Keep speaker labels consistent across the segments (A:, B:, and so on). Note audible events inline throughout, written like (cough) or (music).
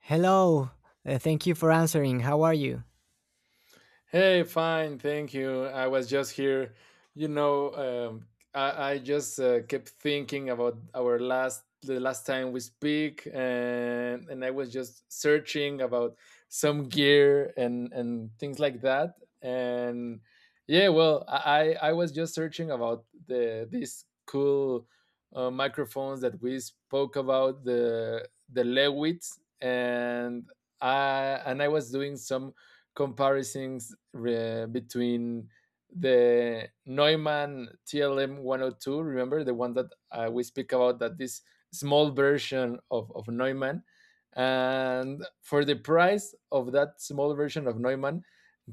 A: Hello. Thank you for answering. How are you?
B: Hey, fine, thank you. I was just here. You know, um, I just kept thinking about our last the last time we speak, and I was just searching about some gear and things like that. And yeah, well, I was just searching about these cool microphones that we spoke about the Lewitts, and I was doing some comparisons between the Neumann TLM 102, remember the one that we speak about, that this small version of Neumann. And for the price of that small version of Neumann,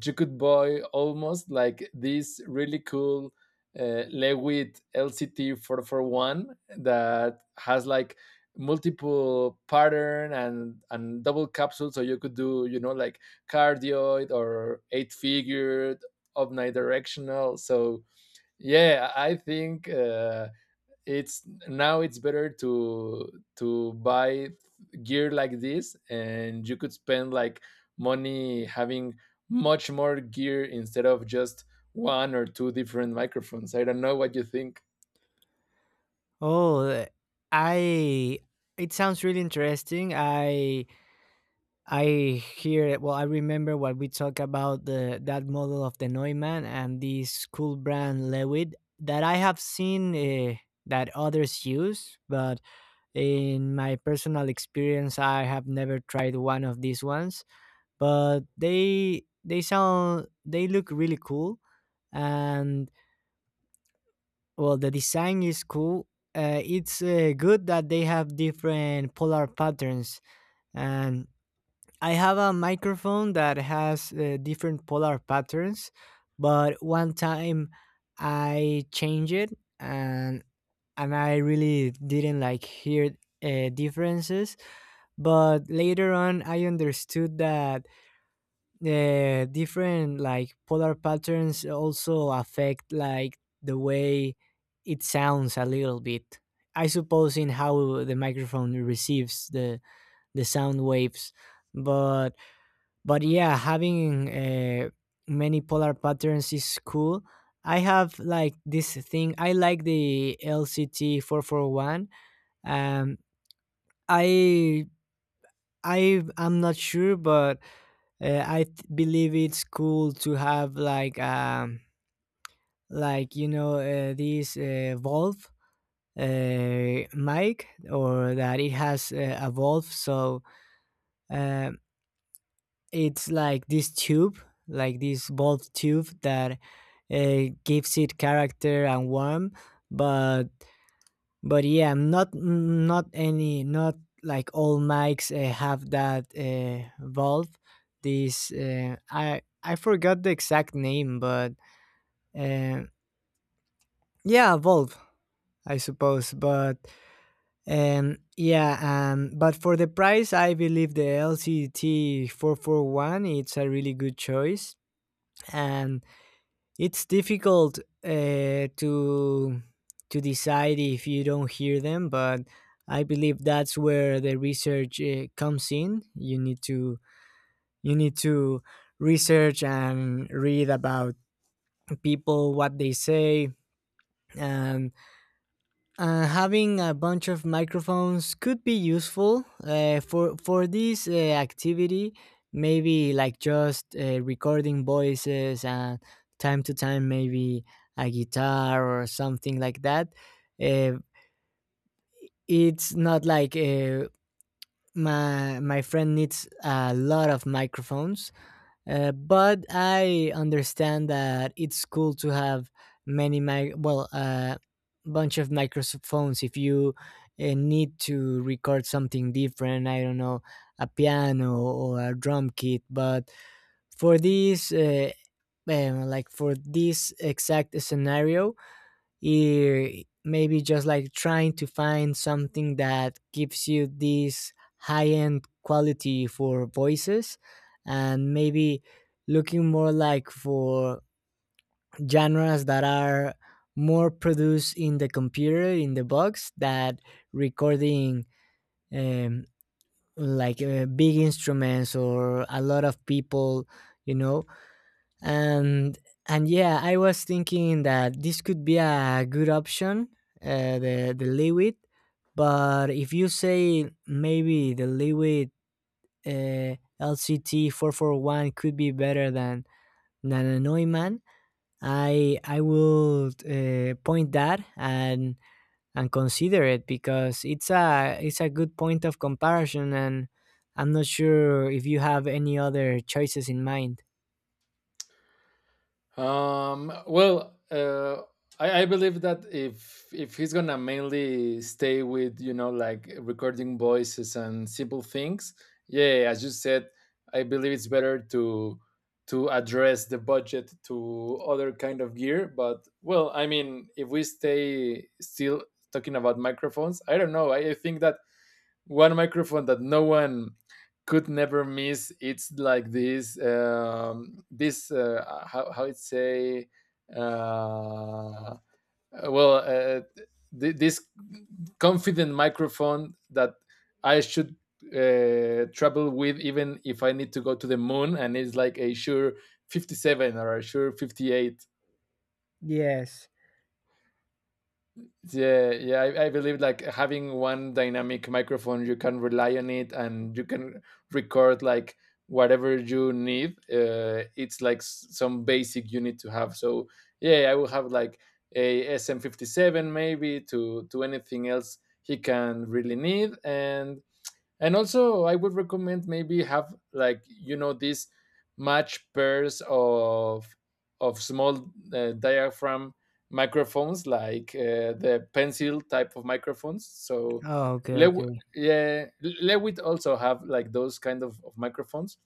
B: you could buy almost like this really cool Lewitt LCT 441 that has like multiple pattern and double capsule, so you could do cardioid or eight figured omnidirectional. So yeah, I think it's now it's better to buy gear like this, and you could spend like money having much more gear instead of just one or two different microphones. I don't know what you think.
A: Oh, uh, I It sounds really interesting. I hear it. Well, I remember what we talked about the that model of the Neumann and this cool brand Lewitt that I have seen, that others use, but in my personal experience I have never tried one of these ones, but they sound, they look really cool. And well, the design is cool. It's, good that they have different polar patterns. And I have a microphone that has, different polar patterns, but one time I changed it and I really didn't like hear, differences. But later on, I understood that different, like, polar patterns also affect like the way it sounds a little bit. I suppose in how the microphone receives the sound waves, but yeah, having, many polar patterns is cool. I have like this thing, I like the LCT 441. um i I am not sure, but believe it's cool to have like, like, you know, this, Valve, mic, or that it has, a valve. So uh, it's like this tube, like this valve tube that, gives it character and warmth, but yeah, not any, not like all mics, have that, valve. This, uh, I forgot the exact name, but uh, yeah, valve, I suppose. But yeah, but for the price, I believe the LCT 441 it's a really good choice. And it's difficult, to decide if you don't hear them, but I believe that's where the research, comes in. You need to you need to research and read about people, what they say. And having a bunch of microphones could be useful, for this, activity, maybe like just, recording voices and, time to time, maybe a guitar or something like that. uh, it's not like, uh, my friend needs a lot of microphones, but I understand that it's cool to have many mic, well, a, bunch of microphones if you, need to record something different. I don't know, a piano or a drum kit. But for this, like for this exact scenario, maybe just like trying to find something that gives you this high end quality for voices, and maybe looking more like for genres that are more produced in the computer, in the box, that recording, um, like, big instruments or a lot of people, you know. And yeah, I was thinking that this could be a good option, the liwit but if you say maybe the liwit uh, LCT 441 could be better than a Neumann, I will, point that and consider it because it's a, it's a good point of comparison. And I'm not sure if you have any other choices in mind.
B: Well, I believe that if he's gonna mainly stay with recording voices and simple things, yeah, as you said, I believe it's better to address the budget to other kind of gear. But well, I mean, if we stay still talking about microphones, I don't know. I think that one microphone that no one could never miss. It's like this, this how it say, uh, uh, well, uh, this confident microphone that I should travel with, even if I need to go to the moon. And it's like a sure 57 or a sure 58.
A: Yes.
B: Yeah, yeah, I believe like having one dynamic microphone, you can rely on it, and you can record like whatever you need. It's like some basic you need to have. So yeah, I will have like a SM57 maybe to anything else he can really need. And also, I would recommend maybe have like these match pairs of small diaphragm microphones, like the pencil type of microphones. So,
A: Oh, okay,
B: Lew-
A: okay.
B: yeah, Lewitt also have like those kind of microphones.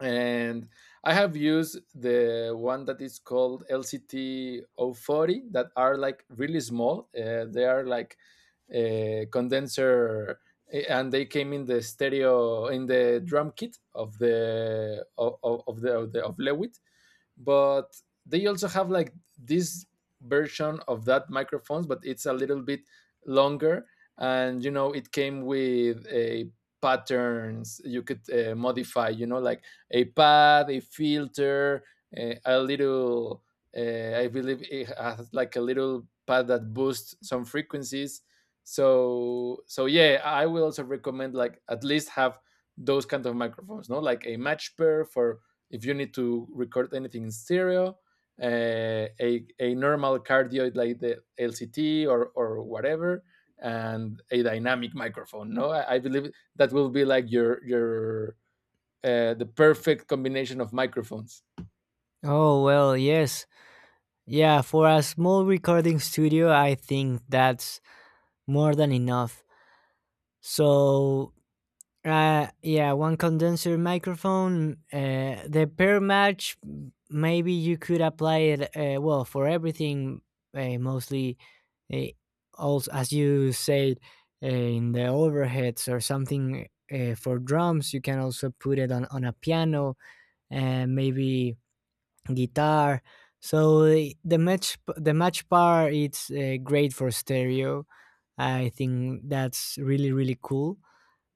B: And I have used the one that is called lct O 40, that are like really small. They are like a condenser. And they came in the stereo in the drum kit of lewitt. But they also have like this version of that microphones, but it's a little bit longer. And it came with a patterns you could modify, a pad, a filter, a little I believe it has like a little pad that boosts some frequencies. So yeah, I will also recommend like at least have those kind of microphones, no? Like a match pair for if you need to record anything in stereo, a normal cardioid like the LCT, or whatever, and a dynamic microphone. No, I believe that will be like your the perfect combination of microphones.
A: Oh, well, yes. Yeah, for a small recording studio, I think that's more than enough. So, yeah, one condenser microphone, the per match, maybe you could apply it, well, for everything, mostly, uh, also, as you said, in the overheads or something, for drums, you can also put it on a piano, and maybe guitar. So the match bar, it's, great for stereo. I think that's really really cool.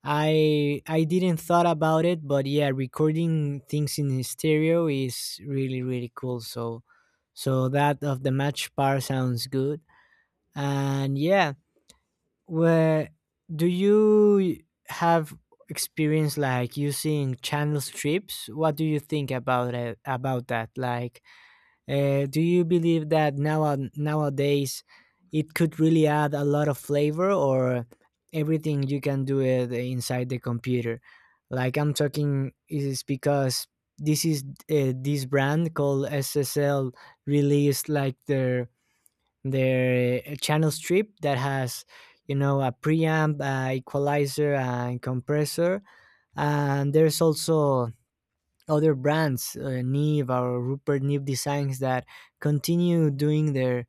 A: I didn't thought about it, but yeah, recording things in stereo is really really cool. So that of the match bar sounds good. And yeah, where do you have experience like using channel strips? What do you think about it, about that? Like, do you believe that now nowadays it could really add a lot of flavor, or everything you can do it inside the computer? Like, I'm talking is because this is, this brand called SSL released like their channel strip that has, you know, a preamp, equalizer, and compressor. And there's also other brands, Neve, or Rupert Neve Designs, that continue doing their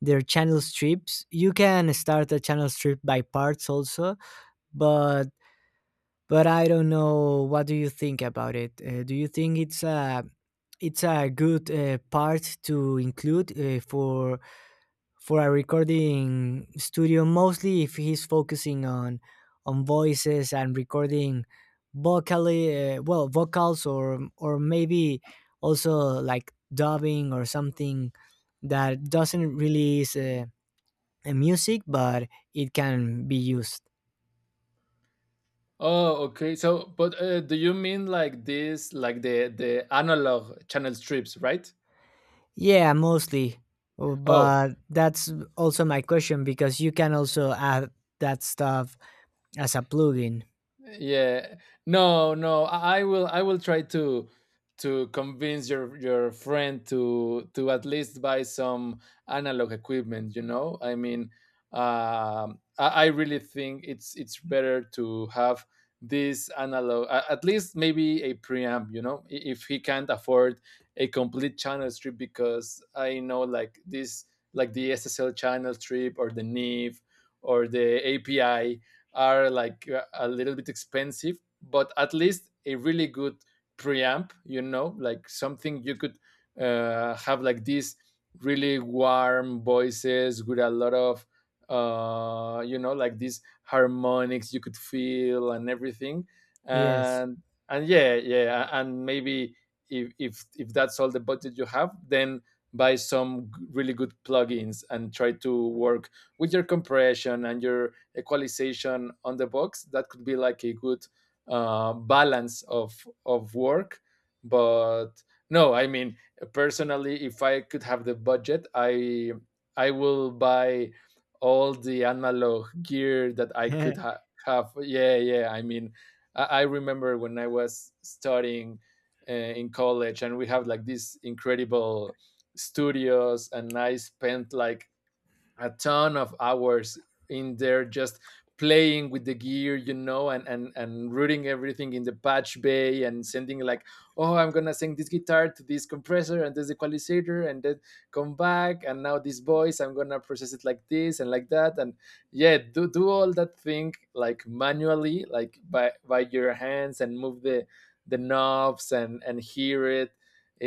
A: channel strips. You can start a channel strip by parts also, but I don't know. What do you think about it? Do you think it's a, it's a good, part to include, for a recording studio, mostly if he's focusing on voices and recording vocally, well, vocals, or maybe also like dubbing or something that doesn't release, a music, but it can be used.
B: Oh, okay. So, but do you mean like this, like the analog channel strips, right?
A: Yeah, mostly.
B: Oh,
A: But that's also my question, because you can also add that stuff as a plugin.
B: yeah. No, no. I will try to convince your friend to at least buy some analog equipment, you know? I mean, I really think it's better to have this analog at least maybe a preamp. If he can't afford a complete channel strip, because I know like this, like the SSL channel strip, or the NIV, or the API, are like a little bit expensive. But at least a really good preamp, something you could have like these really warm voices with a lot of, these harmonics you could feel and everything.
A: Yes.
B: And and yeah, yeah, and maybe if that's all the budget you have, then buy some really good plugins and try to work with your compression and your equalization on the box. That could be like a good balance of work. But no, I mean, personally, if I could have the budget, I will buy all the analog gear that I could
A: (laughs)
B: have. Yeah, yeah, I mean, I remember when I was studying in college, and we have like these incredible studios. And I spent like a ton of hours in there just playing with the gear, and routing everything in the patch bay and sending like, oh, I'm gonna send this guitar to this compressor and this equalizer, and then come back and now this voice I'm gonna process it like this and like that. And yeah, do all that thing like manually, like by your hands, and move the knobs and hear it. it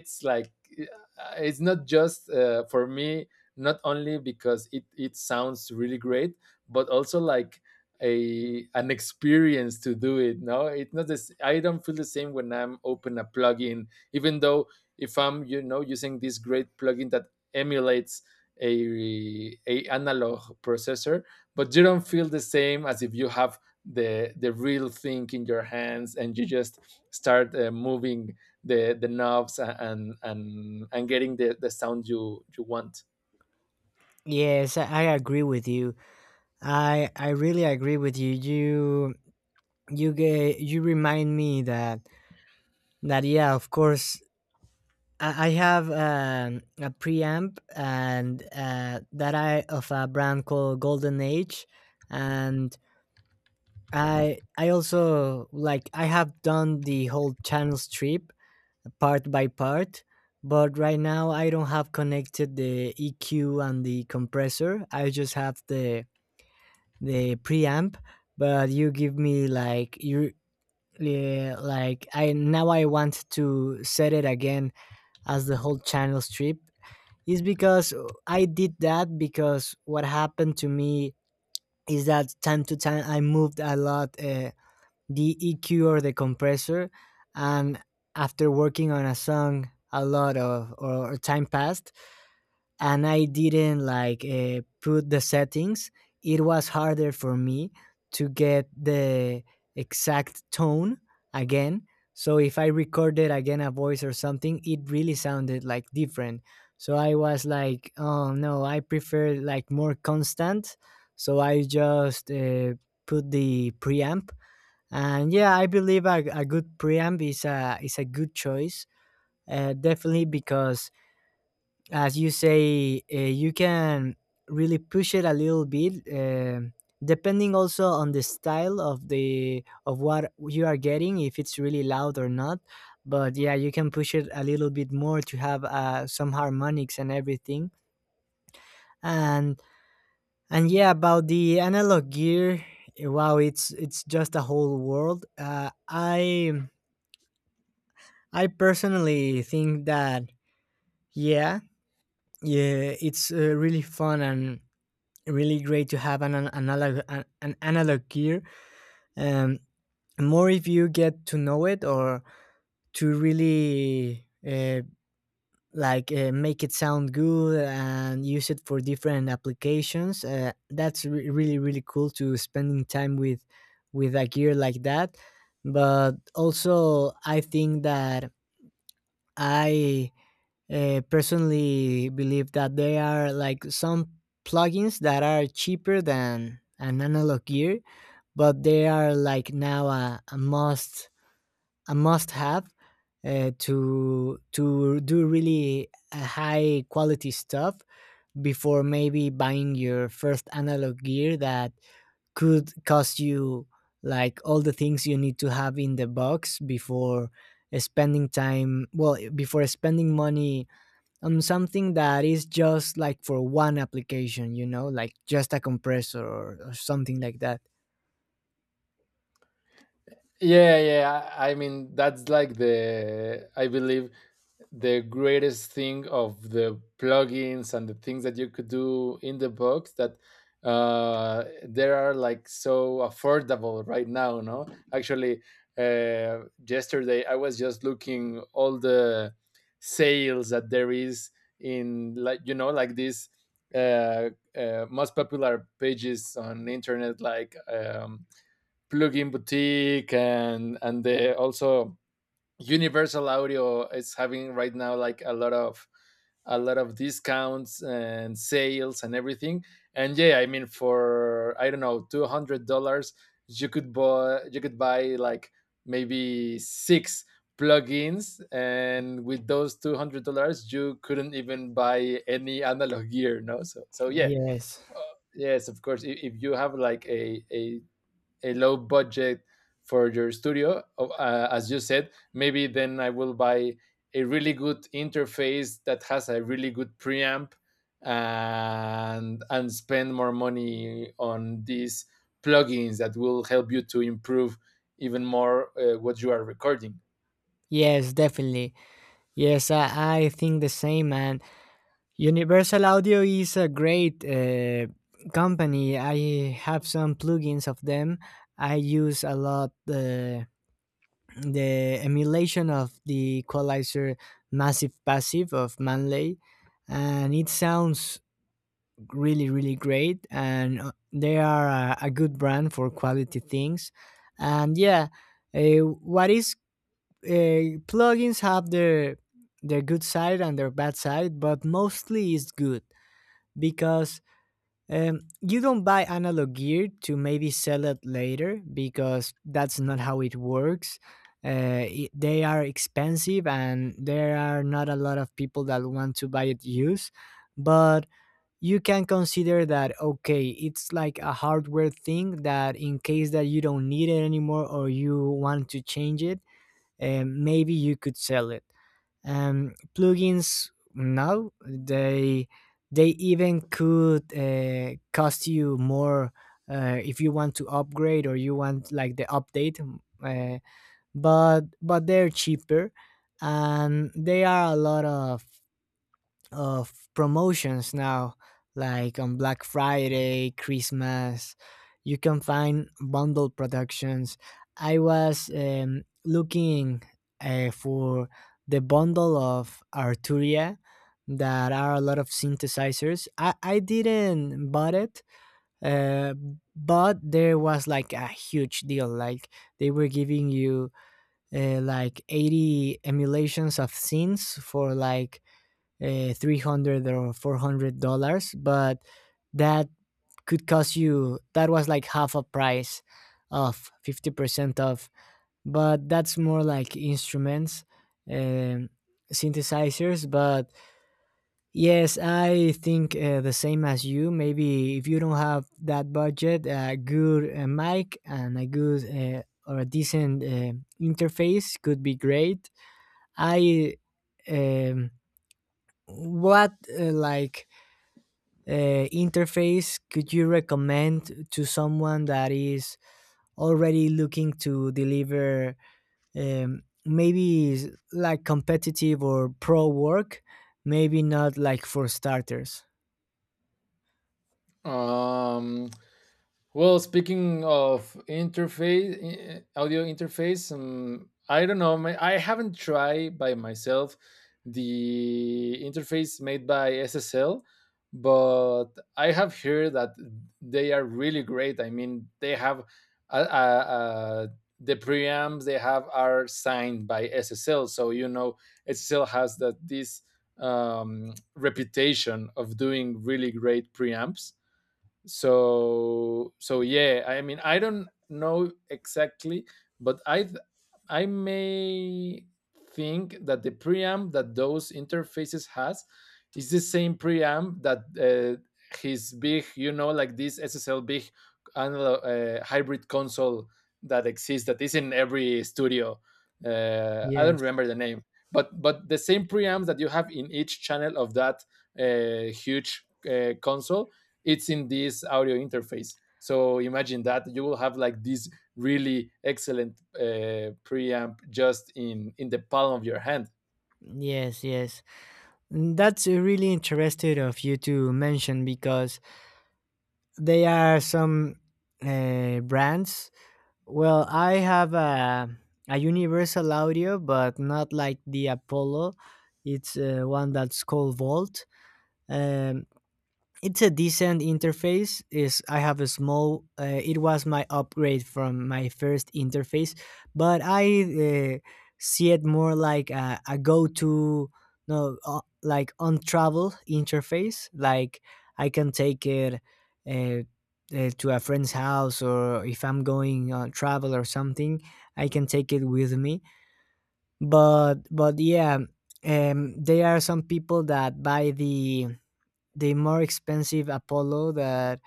B: it's like it's not just for me, not only because it sounds really great, but also like a an experience to do it. No, it's not this. I don't feel the same when I'm open a plugin, even though if I'm using this great plugin that emulates a a analog processor. But you don't feel the same as if you have the real thing in your hands, and you just start moving the knobs and getting the sound you want.
A: Yes, I agree with you. I really agree with you. You get, you remind me that yeah, of course. I have, a preamp and, that I, of a brand called Golden Age. And I also like, I have done the whole channel strip part by part, but right now I don't have connected the EQ and the compressor. I just have the preamp, but you give me like, you, yeah, like, I now I want to set it again as the whole channel strip is because, I did that because what happened to me is that time to time I moved a lot, the EQ or the compressor, and after working on a song a lot of, or time passed, and I didn't like, put the settings, it was harder for me to get the exact tone again. So if I recorded again a voice or something, it really sounded like different. So I was like, oh no, I prefer like more constant. So I just, put the preamp. And yeah, I believe a good preamp is a, is a good choice, definitely, because as you say, you can really push it a little bit, depending also on the style of the, of what you are getting, if it's really loud or not. But yeah, you can push it a little bit more to have, some harmonics and everything. And yeah, about the analog gear, wow, it's just a whole world. I personally think that yeah, yeah, it's, really fun and really great to have an analog, an analog gear, um more if you get to know it, or to really, like, make it sound good and use it for different applications, that's really really cool to spending time with a gear like that. But also I think that I personally believe that there are like some plugins that are cheaper than an analog gear, but they are like now a must, a must have, to do really, high quality stuff before maybe buying your first analog gear, that could cost you like all the things you need to have in the box before spending time, well, before spending money on something that is just like for one application, you know, like just a compressor or something like that.
B: Yeah, yeah. I mean, that's like the, I believe, the greatest thing of the plugins and the things that you could do in the box. That they are like so affordable right now, no? Actually, uh, yesterday I was just looking all the sales that there is, in like like these uh, most popular pages on internet, like plugin boutique, and the also universal audio is having right now like a lot of discounts and sales and everything. And yeah, I mean, for I don't know $200, you could buy like maybe six plugins. And with those $200, you couldn't even buy any analog gear, no? So yeah.
A: Yes.
B: Yes, of course, if you have like a a low budget for your studio, as you said, maybe then I will buy a really good interface that has a really good preamp. And spend more money on these plugins that will help you to improve even more what you are recording.
A: Yes, definitely. Yes, I think the same. And Universal Audio is a great, company. I have some plugins of them. I use a lot the emulation of the equalizer Massive Passive of Manley, and it sounds really really great. And, they are a good brand for quality things. And yeah, what is plugins have their good side and their bad side, but mostly it's good because, you don't buy analog gear to maybe sell it later, because that's not how it works. They are expensive and there are not a lot of people that want to buy it used, but you can consider that, okay, it's like a hardware thing that in case that you don't need it anymore or you want to change it, maybe you could sell it. Plugins now, they even could, cost you more, if you want to upgrade or you want like the update. But they're cheaper, and they are a lot of promotions now, like on Black Friday, Christmas. You can find bundle productions. I was, looking, for the bundle of Arturia, that are a lot of synthesizers. I didn't bought it, uh, but there was like a huge deal. Like they were giving you like 80 emulations of scenes for like 300 or $400, but that could cost you, that was like half a price, of 50% off. But that's more like instruments, um, synthesizers. But yes, I think the same as you. Maybe if you don't have that budget, a good mic and a good or a decent interface could be great. I um, what like interface could you recommend to someone that is already looking to deliver, maybe like competitive or pro work, maybe not like for starters?
B: Um, Well, speaking of interface, audio interface. I don't know. I haven't tried by myself the interface made by SSL, but I have heard that they are really great. I mean, they have uh, uh, uh, the preamps they have are signed by SSL. So SSL has that this reputation of doing really great preamps. So yeah. I mean, I don't know exactly, but I may think that the preamp that those interfaces has is the same preamp that his big, this ssl big analog, hybrid console that exists, that is in every studio. I don't
A: Yes,
B: remember the name, but the same preamps that you have in each channel of that huge console, it's in this audio interface. So imagine that you will have like this really excellent preamp just in the palm of your hand.
A: yes, yes. Mm, that's really interesting of you to mention, because there are some brands. Well, I have a Universal Audio, but not like the Apollo. It's one that's called Volt. Um, it's a decent interface. Is, I have a small, it was my upgrade from my first interface, but I see it more like a go-to, no, like on travel interface. Like I can take it uh, to a friend's house, or if I'm going on travel or something, I can take it with me. But yeah, there are some people that buy the more expensive Apollo, that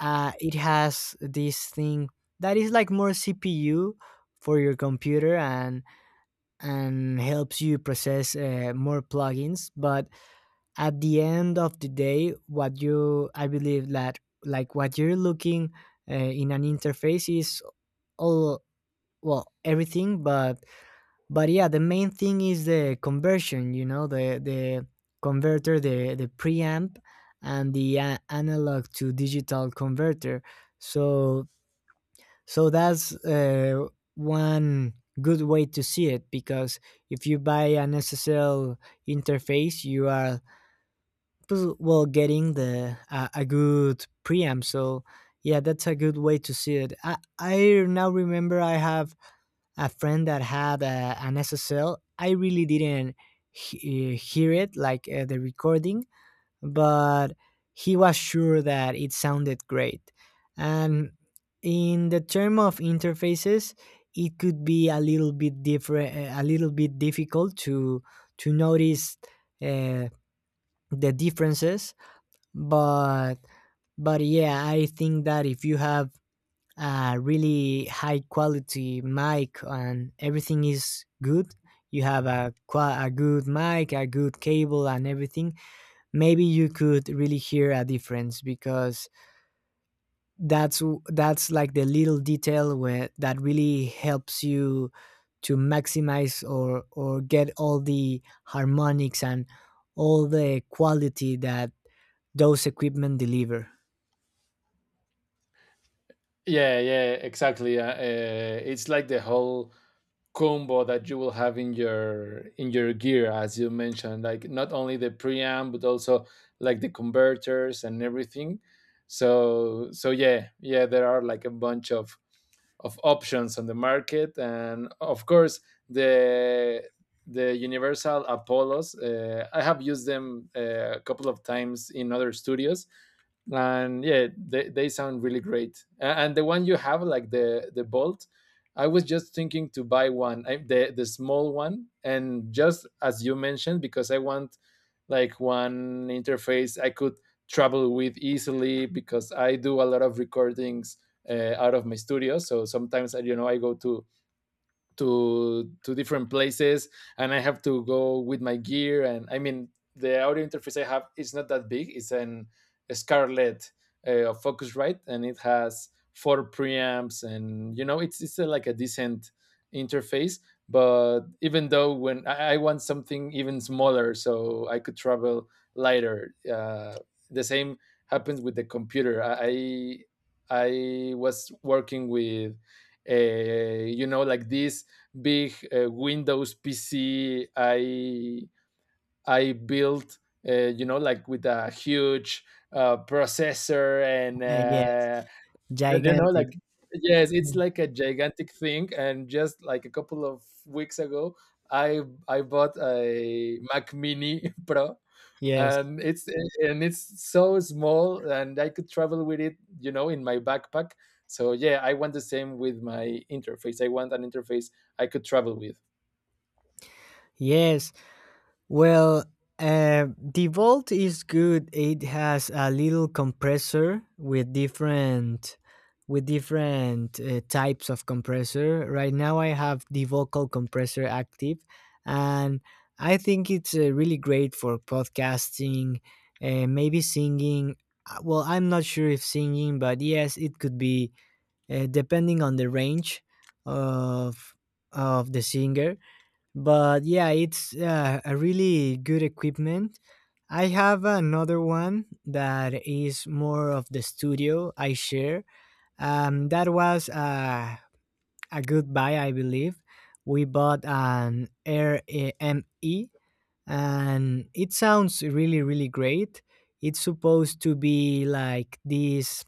A: it has this thing that is like more CPU for your computer and helps you process more plugins. But at the end of the day, what you, I believe that, like what you're looking in an interface is all, well, everything, but yeah, the main thing is the conversion, you know, the converter, the preamp, and the analog to digital converter. So that's one good way to see it, because if you buy an SSL interface, you are well, getting the a good preamp. So yeah, that's a good way to see it. I now remember I have a friend that had an SSL. I really didn't hear it, like the recording, but he was sure that it sounded great. And in the term of interfaces, it could be a little bit different, eh, a little bit difficult to notice uh, the differences, but yeah, I think that if you have a really high quality mic and everything is good, you have a good mic, a good cable and everything, maybe you could really hear a difference, because that's like the little detail where that really helps you to maximize, or get all the harmonics and all the quality that those equipment deliver.
B: Yeah, yeah, exactly. It's like the whole combo that you will have in your gear, as you mentioned, like not only the preamp, but also like the converters and everything. So yeah, yeah. There are like a bunch of options on the market. And of course, the the universal apollos, I have used them a couple of times in other studios. And yeah, they sound really great. And the one you have, like the bolt, I was just thinking to buy one, I, the small one. And just as you mentioned, because I want like one interface I could travel with easily. Because I do a lot of recordings out of my studio. So sometimes I you know I go to different places, and I have to go with my gear. And I mean, the audio interface I have is not that big. It's an a scarlett of focusrite, and it has four preamps. And it's like a decent interface. But even though, when I want something even smaller so I could travel lighter. The same happens with the computer. I was working with, this big Windows PC I built. With a huge processor, and
A: Yeah, yes.
B: you know, like
A: Gigantic.
B: yes, it's
A: Mm,
B: like a gigantic thing. And just like a couple of weeks ago, I I bought a Mac Mini (laughs) Pro.
A: yes,
B: And it's so small, and I could travel with it, in my backpack. So yeah, I want the same with my interface. I want an interface I could travel with.
A: yes. Well, the Volt is good. It has a little compressor with different, types of compressor. Right now, I have the vocal compressor active, and I think it's really great for podcasting, maybe singing. Well, I'm not sure if singing, but yes, it could be depending on the range of the singer. But yeah, it's a really good equipment. I have another one that is more of the studio I share, that was a good buy, I believe. We bought an rme, and it sounds really really great. It's supposed to be like this,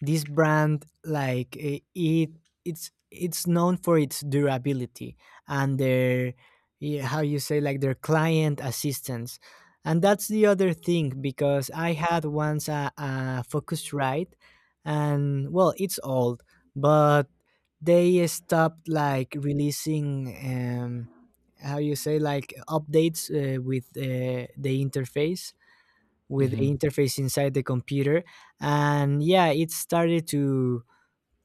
A: brand. Like it, it's known for its durability, and their, yeah, how you say, like, their client assistance. And that's the other thing, because I had once a focus right, and well, it's old, but they stopped like releasing, how you say, like updates with the interface, with the
B: Hmm.
A: interface inside the computer. And yeah, it started to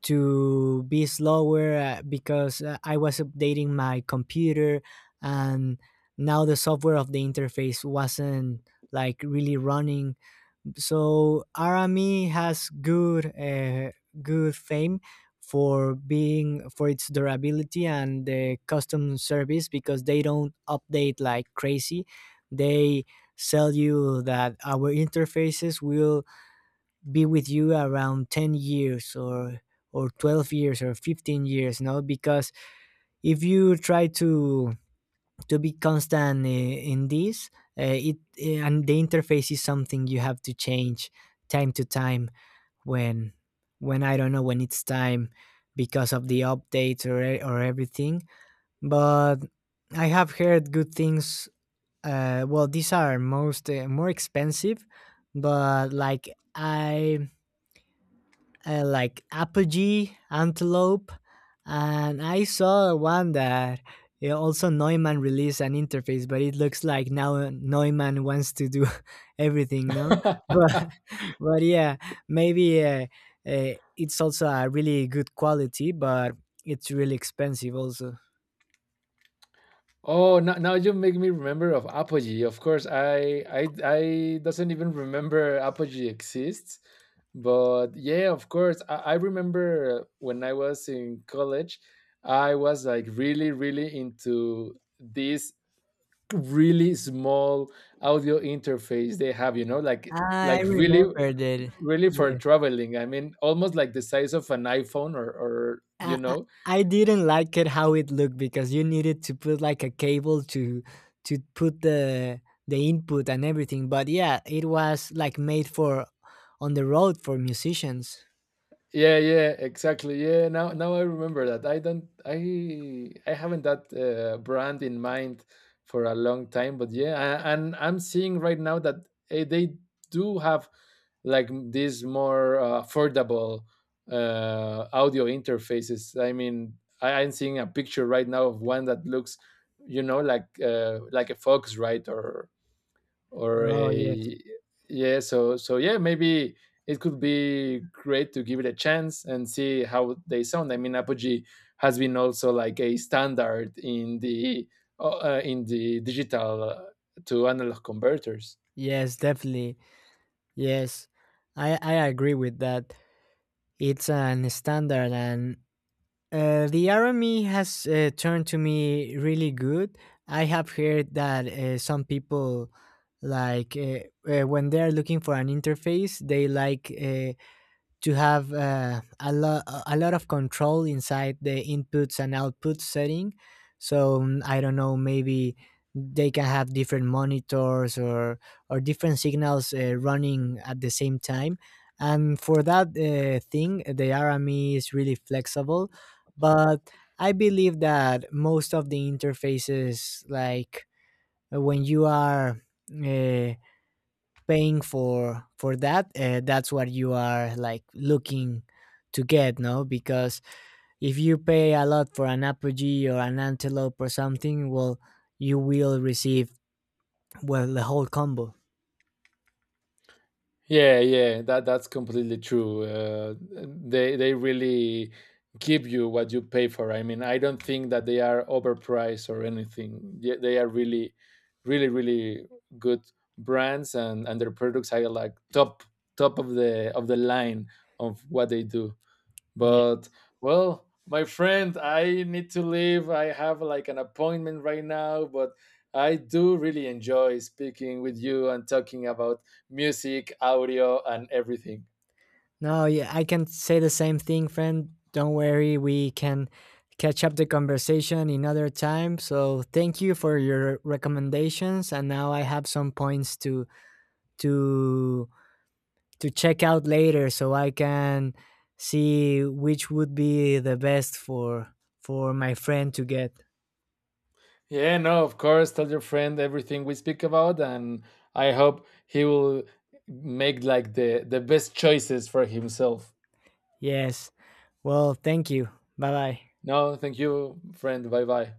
A: be slower, because I was updating my computer, and now the software of the interface wasn't like really running. So Arami has good good fame for being, for its durability and the custom service, because they don't update like crazy. They sell you that our interfaces will be with you around 10 years, or 12 years or 15 years, no? Because if you try to be constant in this, it and the interface is something you have to change time to time, when I don't know, when it's time, because of the updates, or or everything. But I have heard good things. Uh, well, these are most, more expensive. But like, I, like Apogee, Antelope. And I saw one that, yeah, also Neumann released an interface, but it looks like now Neumann wants to do (laughs) everything, no?
B: (laughs)
A: But (laughs) but yeah, maybe it's also a really good quality, but it's really expensive also.
B: Oh, now, you make me remember of Apogee. Of course, I doesn't even remember Apogee exists. But yeah, of course, I remember when I was in college. I was like really really into this really small audio interface they have. You know, like
A: I
B: like really
A: remember that.
B: really for
A: Yeah,
B: traveling. I mean, almost like the size of an iPhone, or or you
A: I, I
B: know
A: I didn't like it how it looked, because you needed to put like a cable to put the input and everything. But yeah, it was like made for on the road for musicians.
B: Yeah, yeah, exactly. Yeah, now, I remember that. I don't I haven't that brand in mind for a long time. But yeah, and I'm seeing right now that, they do have like these more affordable audio interfaces. I mean, I'm seeing a picture right now of one that looks, like a Fox, right? Or
A: Oh yes,
B: a. Yeah, so yeah, maybe it could be great to give it a chance and see how they sound. I mean, Apogee has been also like a standard in the, digital to analog converters.
A: yes, definitely, yes. I agree with that. It's an standard, and uh, the Army has turned to me really good. I have heard that some people like when they are looking for an interface, they like to have a, a lot of control inside the inputs and outputs setting. So mm, I don't know, maybe they can have different monitors, or different signals running at the same time. And for that thing, the RME is really flexible. But I believe that most of the interfaces, like when you are uh, paying for that, that's what you are like looking to get, no? Because if you pay a lot for an Apogee or an Antelope or something, well, you will receive, well, the whole combo.
B: Yeah, yeah, that's completely true. They really give you what you pay for. I mean, I don't think that they are overpriced or anything. They are really, really, really good brands, and their products are like top of the line of what they do.
A: Yeah.
B: But well, my friend, I need to leave. I have like an appointment right now. But I do really enjoy speaking with you and talking about music, audio, and everything.
A: No, yeah, I can say the same thing, friend. Don't worry, we can catch up the conversation another time. So thank you for your recommendations, and now I have some points to to to check out later, so I can see which would be the best for my friend to get.
B: Yeah, no, of course. Tell your friend everything we speak about, and I hope he will make like the best choices for himself.
A: Yes. Well, thank you. Bye bye.
B: No, thank you, friend. Bye bye.